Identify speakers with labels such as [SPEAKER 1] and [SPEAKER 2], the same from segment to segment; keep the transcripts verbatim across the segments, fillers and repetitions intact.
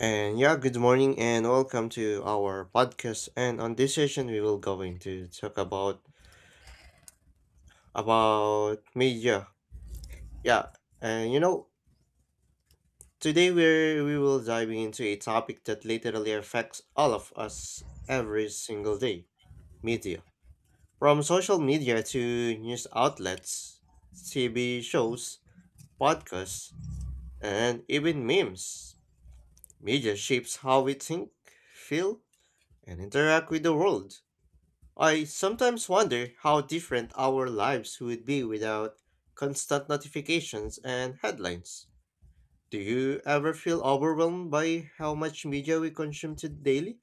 [SPEAKER 1] And yeah, good morning and welcome to our podcast. And on this session, we will going to talk about about media. Yeah, and you know, today we're we will diving into a topic that literally affects all of us every single day: media. From social media to news outlets, T V shows, podcasts, and even memes. Media shapes how we think, feel, and interact with the world. I sometimes wonder how different our lives would be without constant notifications and headlines. Do you ever feel overwhelmed by how much media we consume to daily?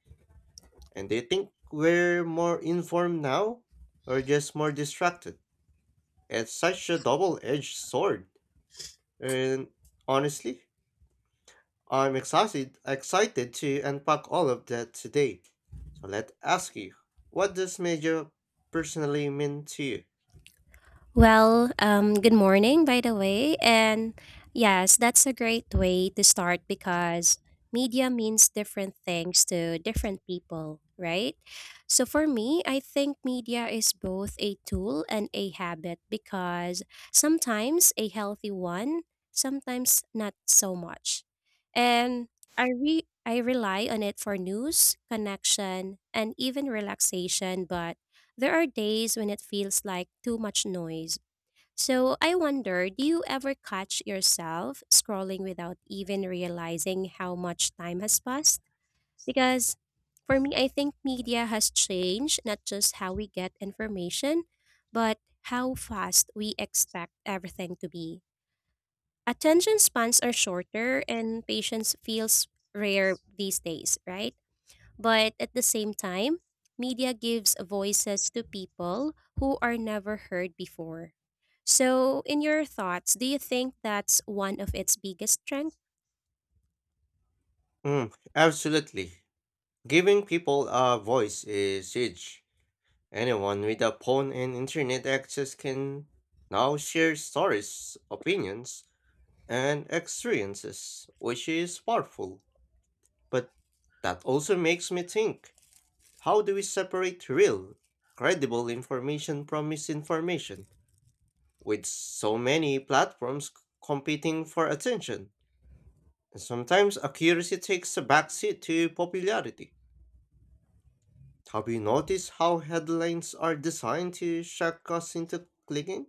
[SPEAKER 1] And do you think we're more informed now or just more distracted? It's such a double-edged sword. And honestly, I'm excited excited to unpack all of that today. So let's ask you, what does media personally mean to you?
[SPEAKER 2] Well, um, good morning, by the way. And yes, that's a great way to start because media means different things to different people, right? So for me, I think media is both a tool and a habit because sometimes a healthy one, sometimes not so much. And I re I rely on it for news, connection, and even relaxation, but there are days when it feels like too much noise. So I wonder, do you ever catch yourself scrolling without even realizing how much time has passed? Because for me, I think media has changed not just how we get information, but how fast we expect everything to be. Attention spans are shorter and patience feels rare these days, right? But at the same time, media gives voices to people who are never heard before. So, in your thoughts, do you think that's one of its biggest strengths?
[SPEAKER 1] Mm, absolutely. Giving people a voice is huge. Anyone with a phone and internet access can now share stories, opinions, and experiences, which is powerful. But that also makes me think, how do we separate real, credible information from misinformation? With so many platforms c- competing for attention, sometimes accuracy takes a backseat to popularity. Have you noticed how headlines are designed to shock us into clicking?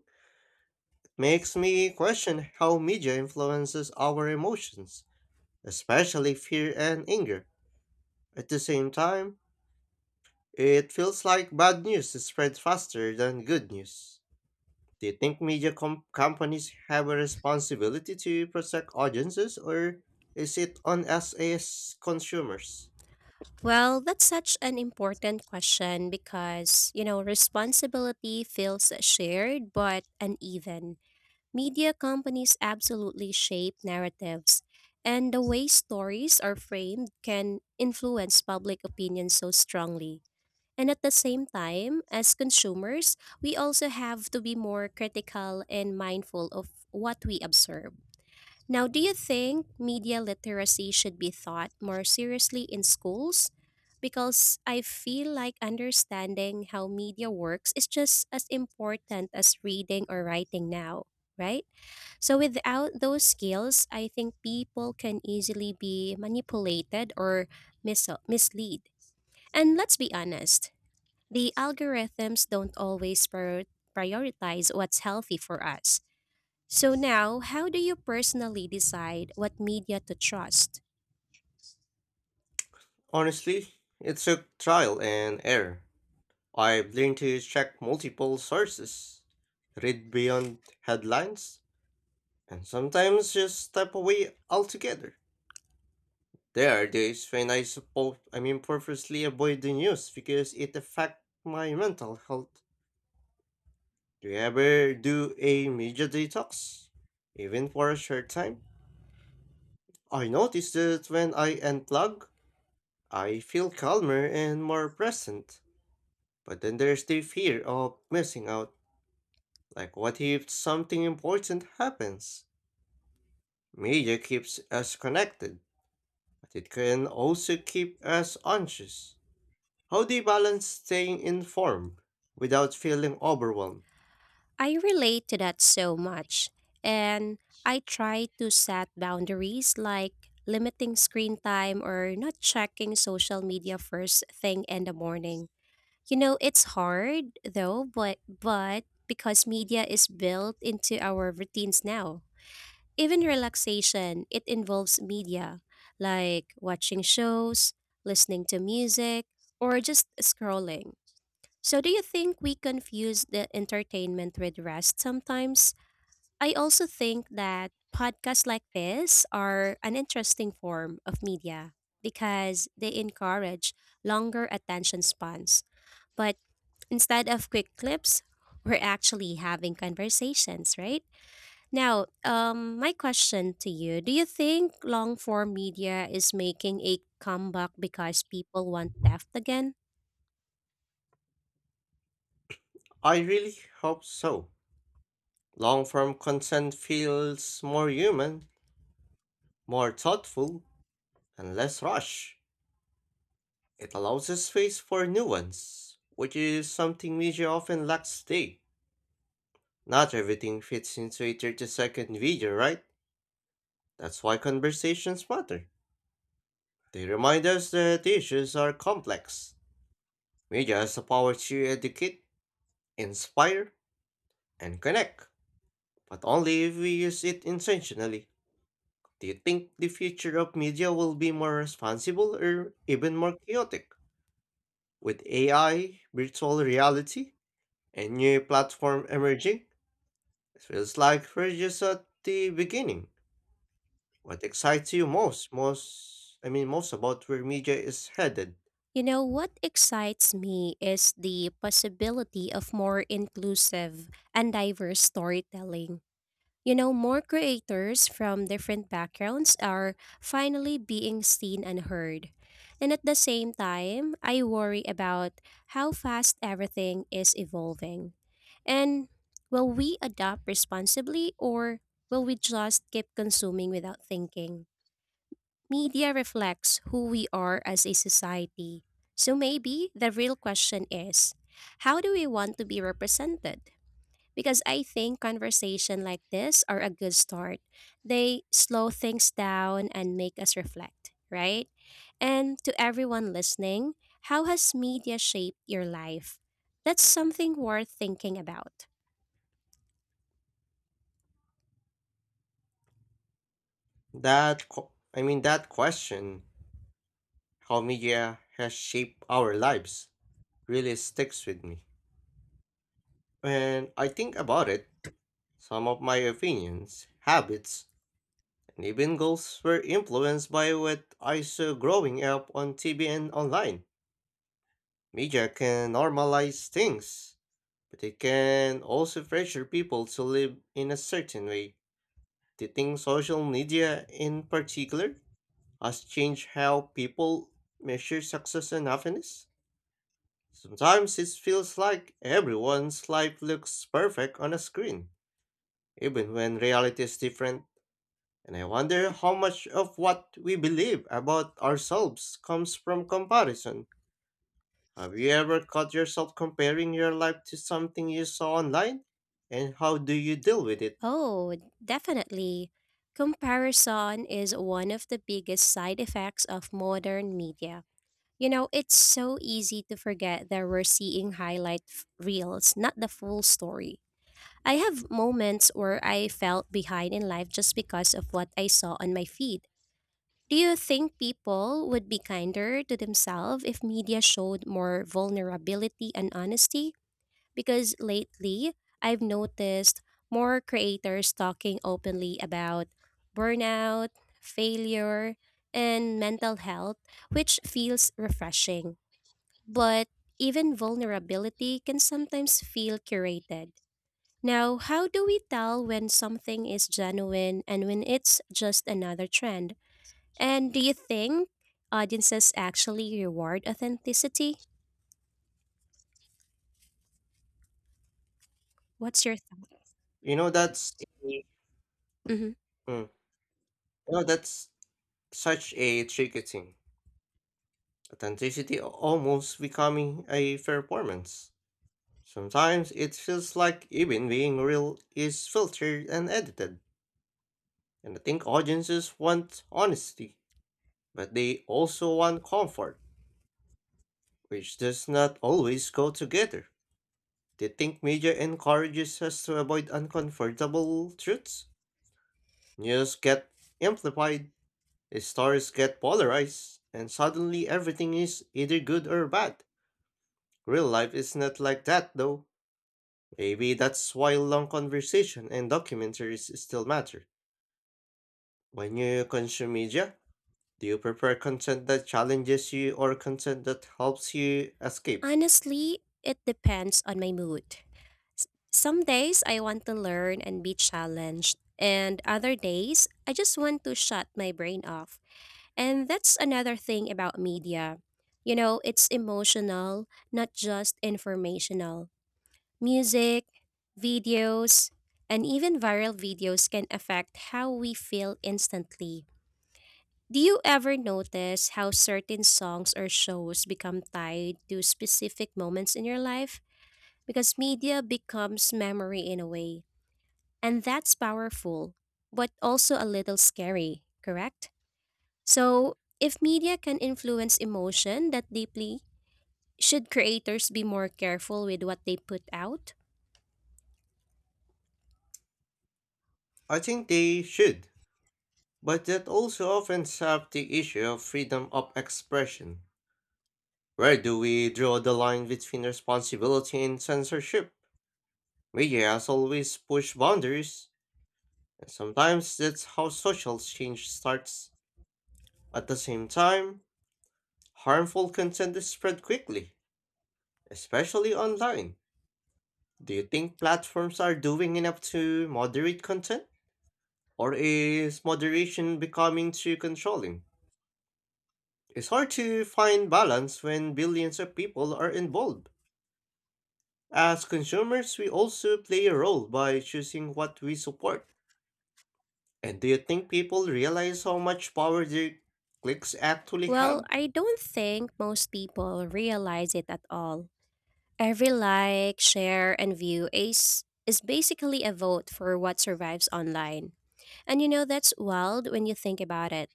[SPEAKER 1] It makes me question how media influences our emotions, especially fear and anger. At the same time, it feels like bad news is spread faster than good news. Do you think media com- companies have a responsibility to protect audiences, or is it on us as consumers?
[SPEAKER 2] Well, that's such an important question because, you know, responsibility feels shared but uneven. Media companies absolutely shape narratives, and the way stories are framed can influence public opinion so strongly. And at the same time, as consumers, we also have to be more critical and mindful of what we observe. Now, do you think media literacy should be taught more seriously in schools? Because I feel like understanding how media works is just as important as reading or writing now, right? So, without those skills, I think people can easily be manipulated or mis- misled. And let's be honest, the algorithms don't always prior- prioritize what's healthy for us. So now, how do you personally decide what media to trust?
[SPEAKER 1] Honestly, it's a trial and error. I've learned to check multiple sources, read beyond headlines, and sometimes just step away altogether. There are days when I suppose I mean purposely avoid the news because it affects my mental health. Do you ever do a media detox? Even for a short time? I notice that when I unplug, I feel calmer and more present. But then there's the fear of missing out. Like, what if something important happens? Media keeps us connected, but it can also keep us anxious. How do you balance staying informed without feeling overwhelmed?
[SPEAKER 2] I relate to that so much. And I try to set boundaries like limiting screen time or not checking social media first thing in the morning. You know, it's hard though, but but because media is built into our routines now. Even relaxation, it involves media, like watching shows, listening to music, or just scrolling. So, do you think we confuse the entertainment with rest sometimes? I also think that podcasts like this are an interesting form of media because they encourage longer attention spans. But instead of quick clips, we're actually having conversations, right? Now, um, my question to you: do you think long form media is making a comeback because people want depth again?
[SPEAKER 1] I really hope so. Long form content feels more human, more thoughtful, and less rushed. It allows a space for nuance, which is something media often lacks today. Not everything fits into a thirty second video, right? That's why conversations matter. They remind us that issues are complex. Media has the power to educate, inspire, and connect, but only if we use it intentionally. Do you think the future of media will be more responsible or even more chaotic? With A I, virtual reality, and new platform emerging, it feels like we're just at the beginning. What excites you most, most I mean most about where media is headed?
[SPEAKER 2] You know, what excites me is the possibility of more inclusive and diverse storytelling. You know, more creators from different backgrounds are finally being seen and heard. And at the same time, I worry about how fast everything is evolving. And will we adapt responsibly or will we just keep consuming without thinking? Media reflects who we are as a society. So maybe the real question is, how do we want to be represented? Because I think conversation like this are a good start. They slow things down and make us reflect, right? And to everyone listening, how has media shaped your life? That's something worth thinking about.
[SPEAKER 1] That qu- I mean that question, how media has shaped our lives, really sticks with me. When I think about it, some of my opinions, habits, and even goals were influenced by what I saw growing up on T V and online. Media can normalize things, but it can also pressure people to live in a certain way. Do you think social media, in particular, has changed how people measure success and happiness? Sometimes it feels like everyone's life looks perfect on a screen, even when reality is different. And I wonder how much of what we believe about ourselves comes from comparison. Have you ever caught yourself comparing your life to something you saw online? And how do you deal with it?
[SPEAKER 2] Oh, definitely. Comparison is one of the biggest side effects of modern media. You know, it's so easy to forget that we're seeing highlight f- reels, not the full story. I have moments where I felt behind in life just because of what I saw on my feed. Do you think people would be kinder to themselves if media showed more vulnerability and honesty? Because lately, I've noticed more creators talking openly about burnout, failure, and mental health, which feels refreshing. But even vulnerability can sometimes feel curated now. How do we tell when something is genuine and when it's just another trend? And do you think audiences actually reward authenticity? What's your thought?
[SPEAKER 1] You know, that's a-
[SPEAKER 2] Mhm.
[SPEAKER 1] mm, you know, that's such a tricky thing. Authenticity almost becoming a performance. Sometimes it feels like even being real is filtered and edited, and I think audiences want honesty, but they also want comfort, which does not always go together. Do you think media encourages us to avoid uncomfortable truths? News get amplified, stories get polarized, and suddenly everything is either good or bad. Real life is not like that though. Maybe that's why long conversation and documentaries still matter. When you consume media, do you prefer content that challenges you or content that helps you escape?
[SPEAKER 2] Honestly, it depends on my mood. S- Some days I want to learn and be challenged, and other days I just want to shut my brain off. And that's another thing about media. You know, it's emotional, not just informational. Music, videos, and even viral videos can affect how we feel instantly. Do you ever notice how certain songs or shows become tied to specific moments in your life? Because media becomes memory in a way. And that's powerful, but also a little scary, correct? So, if media can influence emotion that deeply, should creators be more careful with what they put out?
[SPEAKER 1] I think they should, but that also often up the issue of freedom of expression. Where do we draw the line between responsibility and censorship? Media has always pushed boundaries, and sometimes that's how social change starts. At the same time, harmful content is spread quickly, especially online. Do you think platforms are doing enough to moderate content? Or is moderation becoming too controlling? It's hard to find balance when billions of people are involved. As consumers, we also play a role by choosing what we support. And do you think people realize how much power their clicks actually
[SPEAKER 2] Well,
[SPEAKER 1] have?
[SPEAKER 2] I don't think most people realize it at all. Every like, share, and view is, is basically a vote for what survives online. And you know, that's wild when you think about it.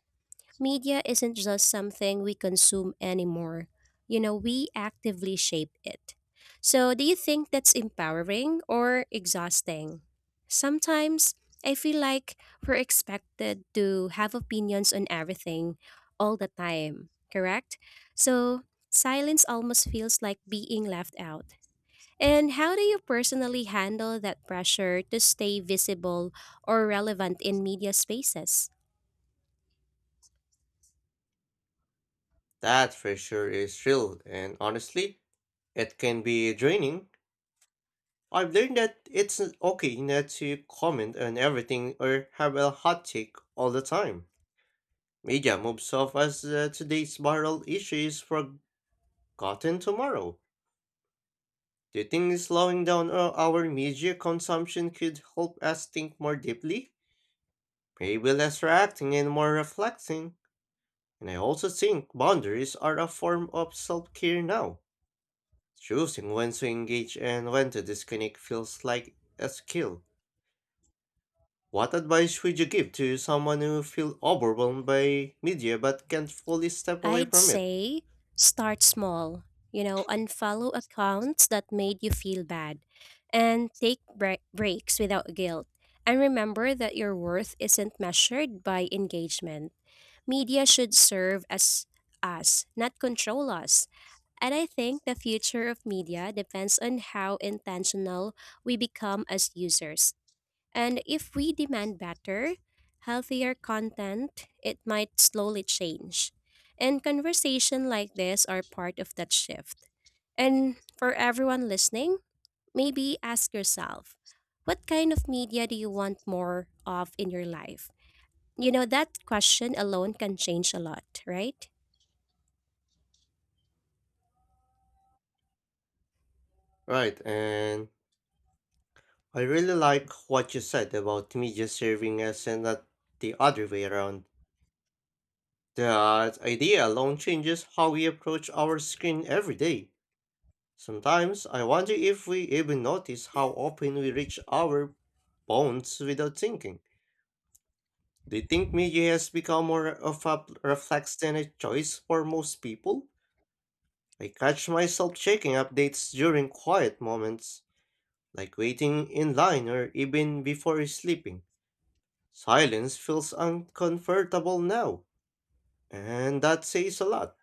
[SPEAKER 2] Media isn't just something we consume anymore. You know, we actively shape it. So, do you think that's empowering or exhausting? Sometimes I feel like we're expected to have opinions on everything all the time, correct? So, silence almost feels like being left out. And how do you personally handle that pressure to stay visible or relevant in media spaces?
[SPEAKER 1] That pressure is real, and honestly, it can be draining. I've learned that it's okay not to comment on everything or have a hot take all the time. Media moves off as uh, today's viral issue is forgotten tomorrow. Do you think slowing down o- our media consumption could help us think more deeply? Maybe less reacting and more reflecting. And I also think boundaries are a form of self care now. Choosing when to engage and when to disconnect feels like a skill. What advice would you give to someone who feels overwhelmed by media but can't fully step away
[SPEAKER 2] I'd
[SPEAKER 1] from it?
[SPEAKER 2] say start small. You know, unfollow accounts that made you feel bad and take bre- breaks without guilt. And remember that your worth isn't measured by engagement. Media should serve as us, not control us. And I think the future of media depends on how intentional we become as users. And if we demand better, healthier content, it might slowly change. And conversation like this are part of that shift. And for everyone listening, maybe ask yourself, what kind of media do you want more of in your life? You know, that question alone can change a lot, right?
[SPEAKER 1] Right, and I really like what you said about media serving us and not the other way around. That idea alone changes how we approach our screen every day. Sometimes I wonder if we even notice how often we reach our phones without thinking. Do you think media has become more of a reflex than a choice for most people? I catch myself checking updates during quiet moments, like waiting in line or even before sleeping. Silence feels uncomfortable now, and that says a lot.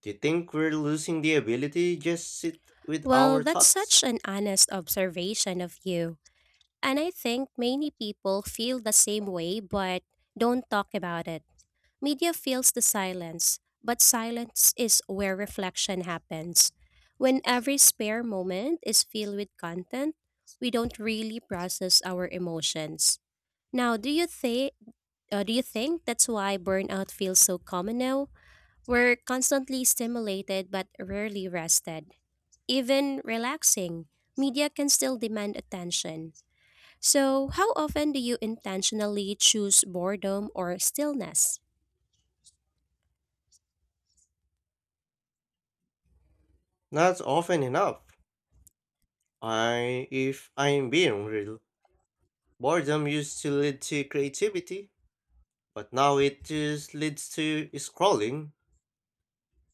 [SPEAKER 1] Do you think we're losing the ability to just sit with
[SPEAKER 2] Well,
[SPEAKER 1] our
[SPEAKER 2] that's such
[SPEAKER 1] thoughts?
[SPEAKER 2] an honest observation of you. And I think many people feel the same way but don't talk about it. Media fills the silence, but silence is where reflection happens. When every spare moment is filled with content, we don't really process our emotions. Now, do you think uh, do you think that's why burnout feels so common now? We're constantly stimulated but rarely rested. Even relaxing, media can still demand attention. So, how often do you intentionally choose boredom or stillness?
[SPEAKER 1] Not often enough. I, if I'm being real, boredom used to lead to creativity, but now it just leads to scrolling.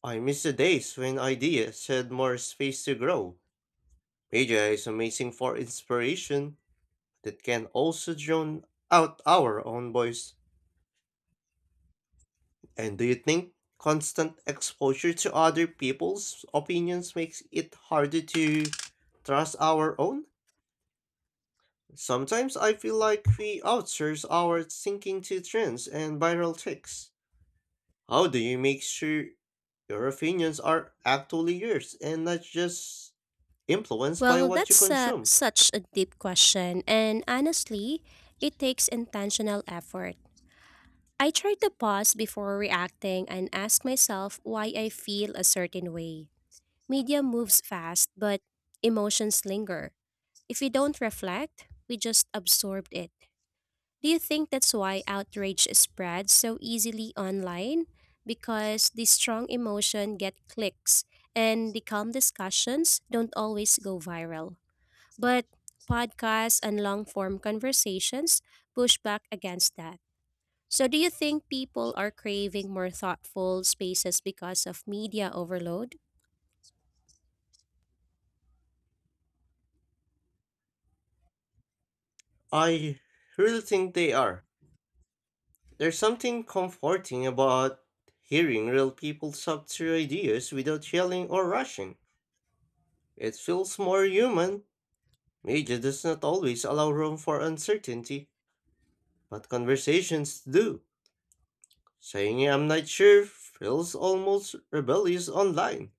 [SPEAKER 1] I miss the days when ideas had more space to grow. Media is amazing for inspiration that can also drown out our own voice. And do you think constant exposure to other people's opinions makes it harder to trust our own? Sometimes I feel like we outsource our thinking to trends and viral takes. How do you make sure your opinions are actually yours and not just influenced by
[SPEAKER 2] Well,
[SPEAKER 1] what you
[SPEAKER 2] that's uh,
[SPEAKER 1] consume?
[SPEAKER 2] such a deep question, and honestly, it takes intentional effort. I try to pause before reacting and ask myself why I feel a certain way. Media moves fast, but emotions linger. If we don't reflect, we just absorb it. Do you think that's why outrage spreads so easily online? Because the strong emotion get clicks, and the calm discussions don't always go viral. But podcasts and long form conversations push back against that. So, do you think people are craving more thoughtful spaces because of media overload?
[SPEAKER 1] I really think they are. There's something comforting about hearing real people talk through ideas without yelling or rushing. It feels more human. Media does not always allow room for uncertainty, but conversations do. Saying I'm not sure feels almost rebellious online.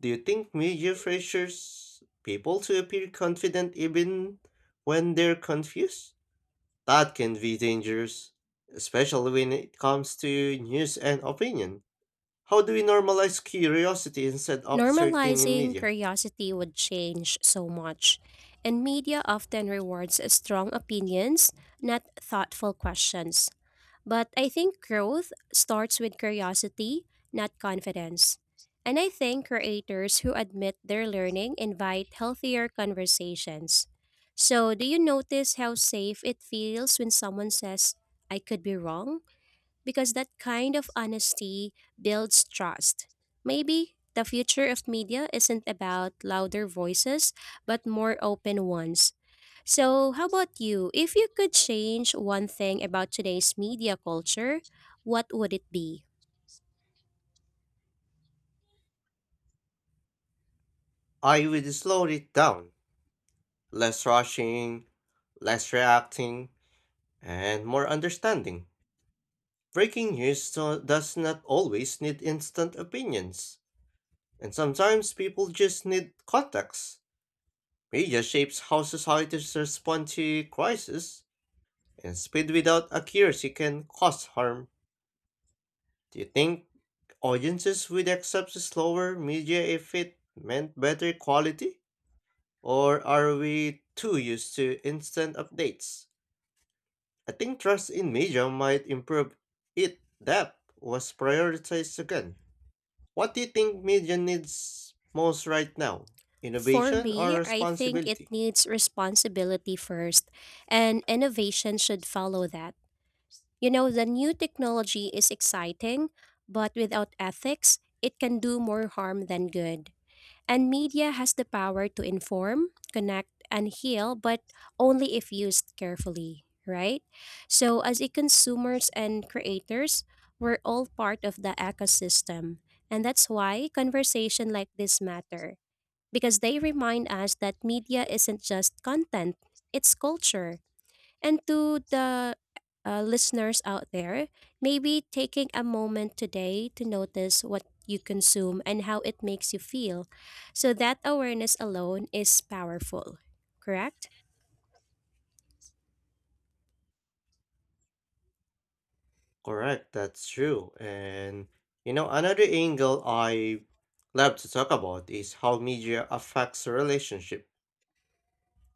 [SPEAKER 1] Do you think media pressures people to appear confident even when they're confused? That can be dangerous, especially when it comes to news and opinion. How do we normalize curiosity instead of certain in
[SPEAKER 2] Normalizing
[SPEAKER 1] media?
[SPEAKER 2] curiosity would change so much, and media often rewards strong opinions, not thoughtful questions. But I think growth starts with curiosity, not confidence. And I think creators who admit their learning invite healthier conversations. So, do you notice how safe it feels when someone says, "I could be wrong?" Because that kind of honesty builds trust. Maybe the future of media isn't about louder voices, but more open ones. So, how about you? If you could change one thing about today's media culture, what would it be?
[SPEAKER 1] I would slow it down. Less rushing, less reacting, and more understanding. Breaking news do- does not always need instant opinions, and sometimes people just need context. Media shapes how societies respond to crisis, and speed without accuracy can cause harm. Do you think audiences would accept slower media if it meant better quality? Or are we too used to instant updates? I think trust in media might improve if that was prioritized again. What do you think media needs most right now?
[SPEAKER 2] For
[SPEAKER 1] Innovation or
[SPEAKER 2] me, I think it
[SPEAKER 1] responsibility?
[SPEAKER 2] needs responsibility first, and innovation should follow that. You know, the new technology is exciting, but without ethics, it can do more harm than good. And media has the power to inform, connect, and heal, but only if used carefully, right? So, as e consumers and creators, we're all part of the ecosystem. And that's why conversation like this matter because they remind us that media isn't just content, it's culture. And to the uh, listeners out there, maybe taking a moment today to notice what you consume and how it makes you feel. So that awareness alone is powerful, correct?
[SPEAKER 1] Correct, that's true. And you know, another angle I love to talk about is how media affects a relationship.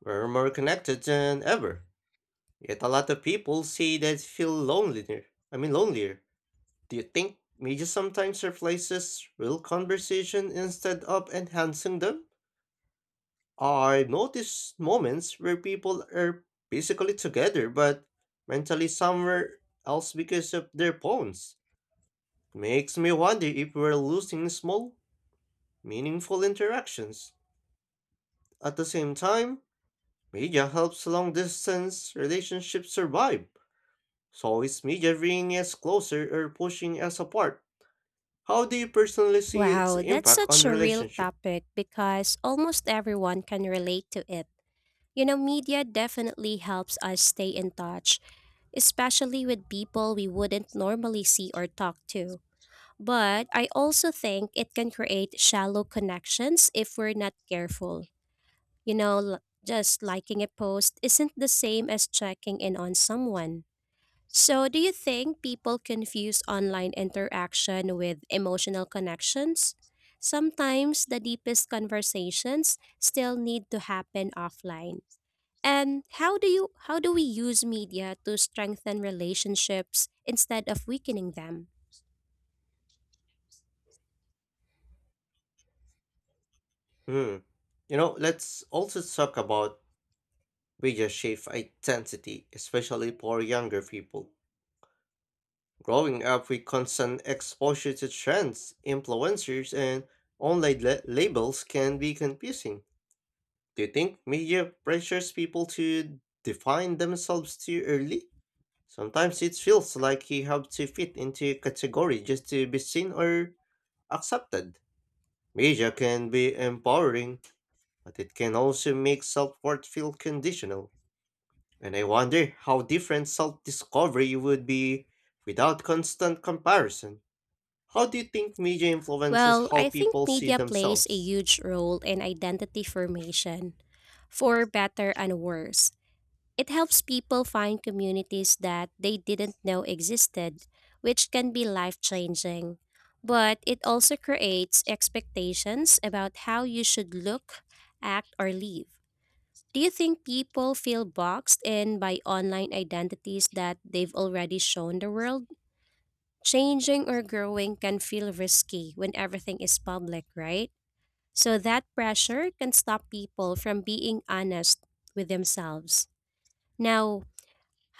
[SPEAKER 1] We're more connected than ever. Yet a lot of people say they feel lonelier. I mean lonelier Do you think media sometimes replaces real conversation instead of enhancing them? I notice moments where people are physically together but mentally somewhere else because of their phones. Makes me wonder if we're losing small, meaningful interactions. At the same time, media helps long distance relationships survive. So is media bringing us closer or pushing us apart? How do you personally see its
[SPEAKER 2] Wow, that's
[SPEAKER 1] impact on
[SPEAKER 2] such a real
[SPEAKER 1] relationship?
[SPEAKER 2] topic because almost everyone can relate to it. You know, media definitely helps us stay in touch, especially with people we wouldn't normally see or talk to. But I also think it can create shallow connections if we're not careful. You know, l- just liking a post isn't the same as checking in on someone. So, do you think people confuse online interaction with emotional connections? Sometimes the deepest conversations still need to happen offline. And how do you how do we use media to strengthen relationships instead of weakening them?
[SPEAKER 1] Hmm. You know, let's also talk about media shape identity, especially for younger people. Growing up with constant exposure to trends, influencers, and online la- labels can be confusing. Do you think media pressures people to define themselves too early? Sometimes it feels like you have to fit into a category just to be seen or accepted. Media can be empowering, but it can also make self worth feel conditional. And I wonder how different self discovery would be without constant comparison. How do you think media influences
[SPEAKER 2] Well,
[SPEAKER 1] how
[SPEAKER 2] I think
[SPEAKER 1] people see
[SPEAKER 2] media plays a
[SPEAKER 1] themselves?
[SPEAKER 2] huge role in identity formation, for better and worse. It helps people find communities that they didn't know existed, which can be life changing. But it also creates expectations about how you should look, act, or live. Do you think people feel boxed in by online identities that they've already shown the world? Changing or growing can feel risky when everything is public, right? So that pressure can stop people from being honest with themselves. Now,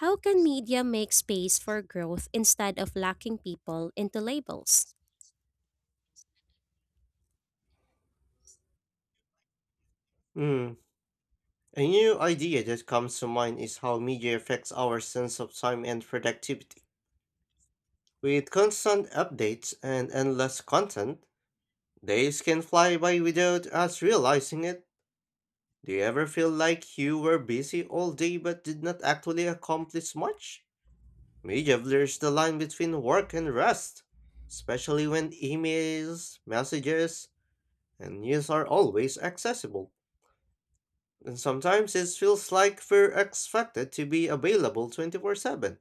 [SPEAKER 2] how can media make space for growth instead of locking people into labels?
[SPEAKER 1] Hmm, a new idea that comes to mind is how media affects our sense of time and productivity. With constant updates and endless content, days can fly by without us realizing it. Do you ever feel like you were busy all day but did not actually accomplish much? Media blurs the line between work and rest, especially when emails, messages, and news are always accessible. And sometimes it feels like we're expected to be available twenty-four seven.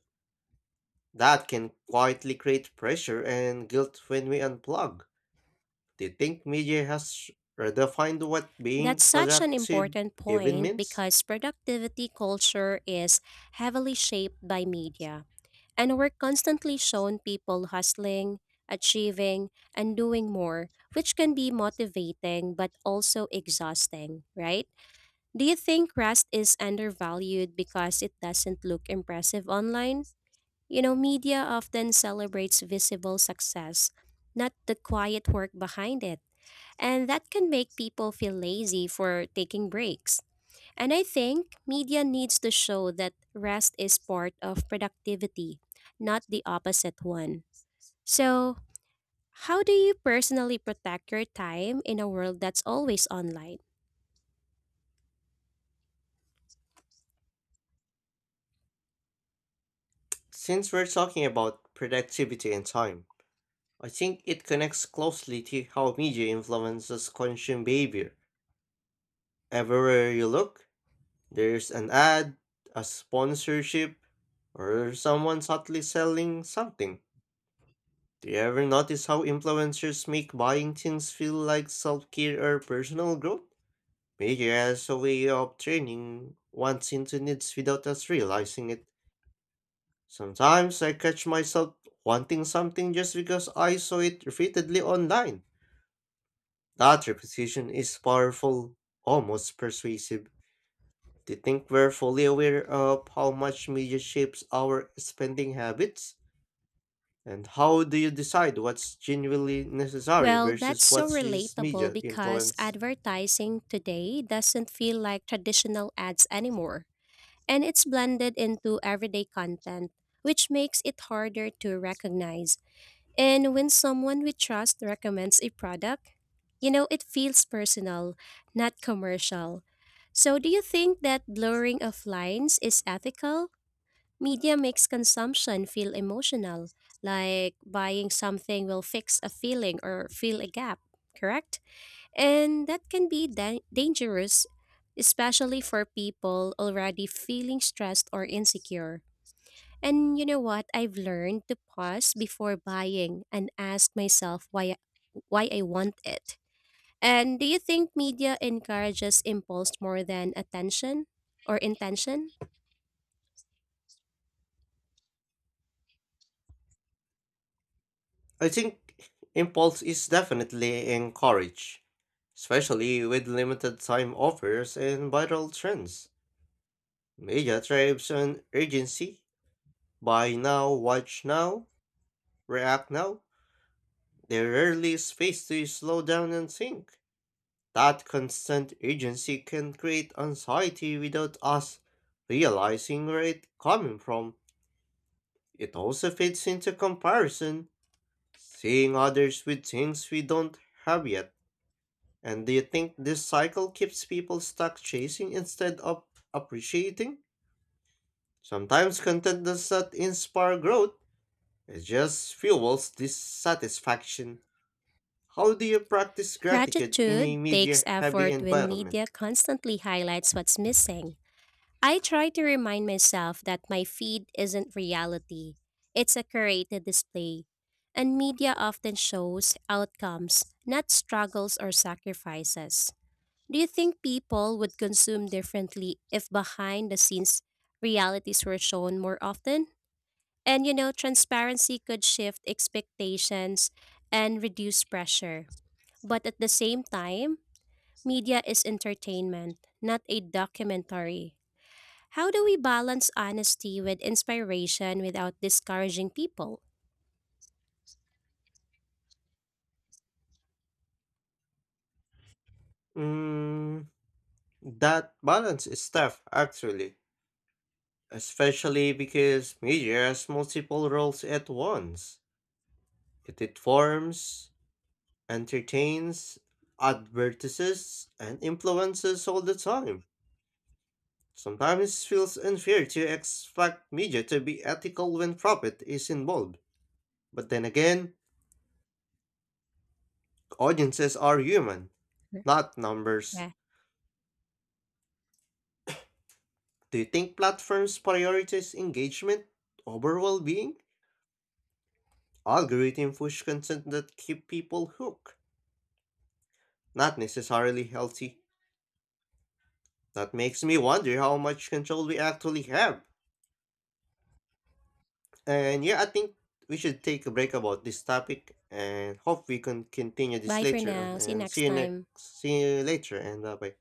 [SPEAKER 1] That can quietly create pressure and guilt when we unplug. Do you think media has redefined what
[SPEAKER 2] That's
[SPEAKER 1] being
[SPEAKER 2] such an
[SPEAKER 1] productive
[SPEAKER 2] important
[SPEAKER 1] even
[SPEAKER 2] point
[SPEAKER 1] means?
[SPEAKER 2] because productivity culture is heavily shaped by media, and we're constantly shown people hustling, achieving, and doing more, which can be motivating but also exhausting, right? Do you think Rust is undervalued because it doesn't look impressive online? You know, media often celebrates visible success, not the quiet work behind it. And that can make people feel lazy for taking breaks. And I think media needs to show that rest is part of productivity, not the opposite one. So, how do you personally protect your time in a world that's always online?
[SPEAKER 1] Since we're talking about productivity and time, I think it connects closely to how media influences consumer behavior. Everywhere you look, there's an ad, a sponsorship, or someone subtly selling something. Do you ever notice how influencers make buying things feel like self care or personal growth? Media has a way of training wants into needs without us realizing it. Sometimes I catch myself wanting something just because I saw it repeatedly online. That repetition is powerful, almost persuasive. Do you think we're fully aware of how much media shapes our spending habits? And how do you decide what's genuinely necessary
[SPEAKER 2] Well,
[SPEAKER 1] versus
[SPEAKER 2] that's so
[SPEAKER 1] what's just
[SPEAKER 2] relatable
[SPEAKER 1] media
[SPEAKER 2] because
[SPEAKER 1] influence?
[SPEAKER 2] advertising today doesn't feel like traditional ads anymore, and it's blended into everyday content, which makes it harder to recognize. And when someone we trust recommends a product, you know, it feels personal, not commercial. So, do you think that blurring of lines is ethical? Media makes consumption feel emotional, like buying something will fix a feeling or fill a gap, correct? And that can be dan- dangerous, especially for people already feeling stressed or insecure. And you know what? I've learned to pause before buying and ask myself why why I want it. And do you think media encourages impulse more than attention or intention?
[SPEAKER 1] I think impulse is definitely encouraged, especially with limited time offers and viral trends. Media thrives on urgency: buy now, watch now, react now. They rarely is space to slow down and think. That constant urgency can create anxiety without us realizing where it's coming from. It also fits into comparison, seeing others with things we don't have yet. And do you think this cycle keeps people stuck chasing instead of appreciating? Sometimes content does not inspire growth, it just fuels dissatisfaction. How do you practice gratitude in a
[SPEAKER 2] Gratitude takes
[SPEAKER 1] media heavy
[SPEAKER 2] effort when
[SPEAKER 1] environment?
[SPEAKER 2] media constantly highlights what's missing. I try to remind myself that my feed isn't reality, it's a curated display. And media often shows outcomes, not struggles or sacrifices. Do you think people would consume differently if behind the scenes realities were shown more often? And you know, transparency could shift expectations and reduce pressure. But at the same time, media is entertainment, not a documentary. How do we balance honesty with inspiration without discouraging people?
[SPEAKER 1] Mm, that balance is tough, actually, especially because media has multiple roles at once. It informs, entertains, advertises, and influences all the time. Sometimes it feels unfair to expect media to be ethical when profit is involved. But then again, audiences are human, not numbers.
[SPEAKER 2] Right.
[SPEAKER 1] Do you think platforms prioritize engagement over well-being? Algorithm push content that keep people hooked, not necessarily healthy. That makes me wonder how much control we actually have. And yeah, I think we should take a break about this topic and hope we can continue this
[SPEAKER 2] Bye for
[SPEAKER 1] later on.
[SPEAKER 2] now. See you
[SPEAKER 1] And see
[SPEAKER 2] next
[SPEAKER 1] you next,
[SPEAKER 2] time.
[SPEAKER 1] see you later, and uh, bye.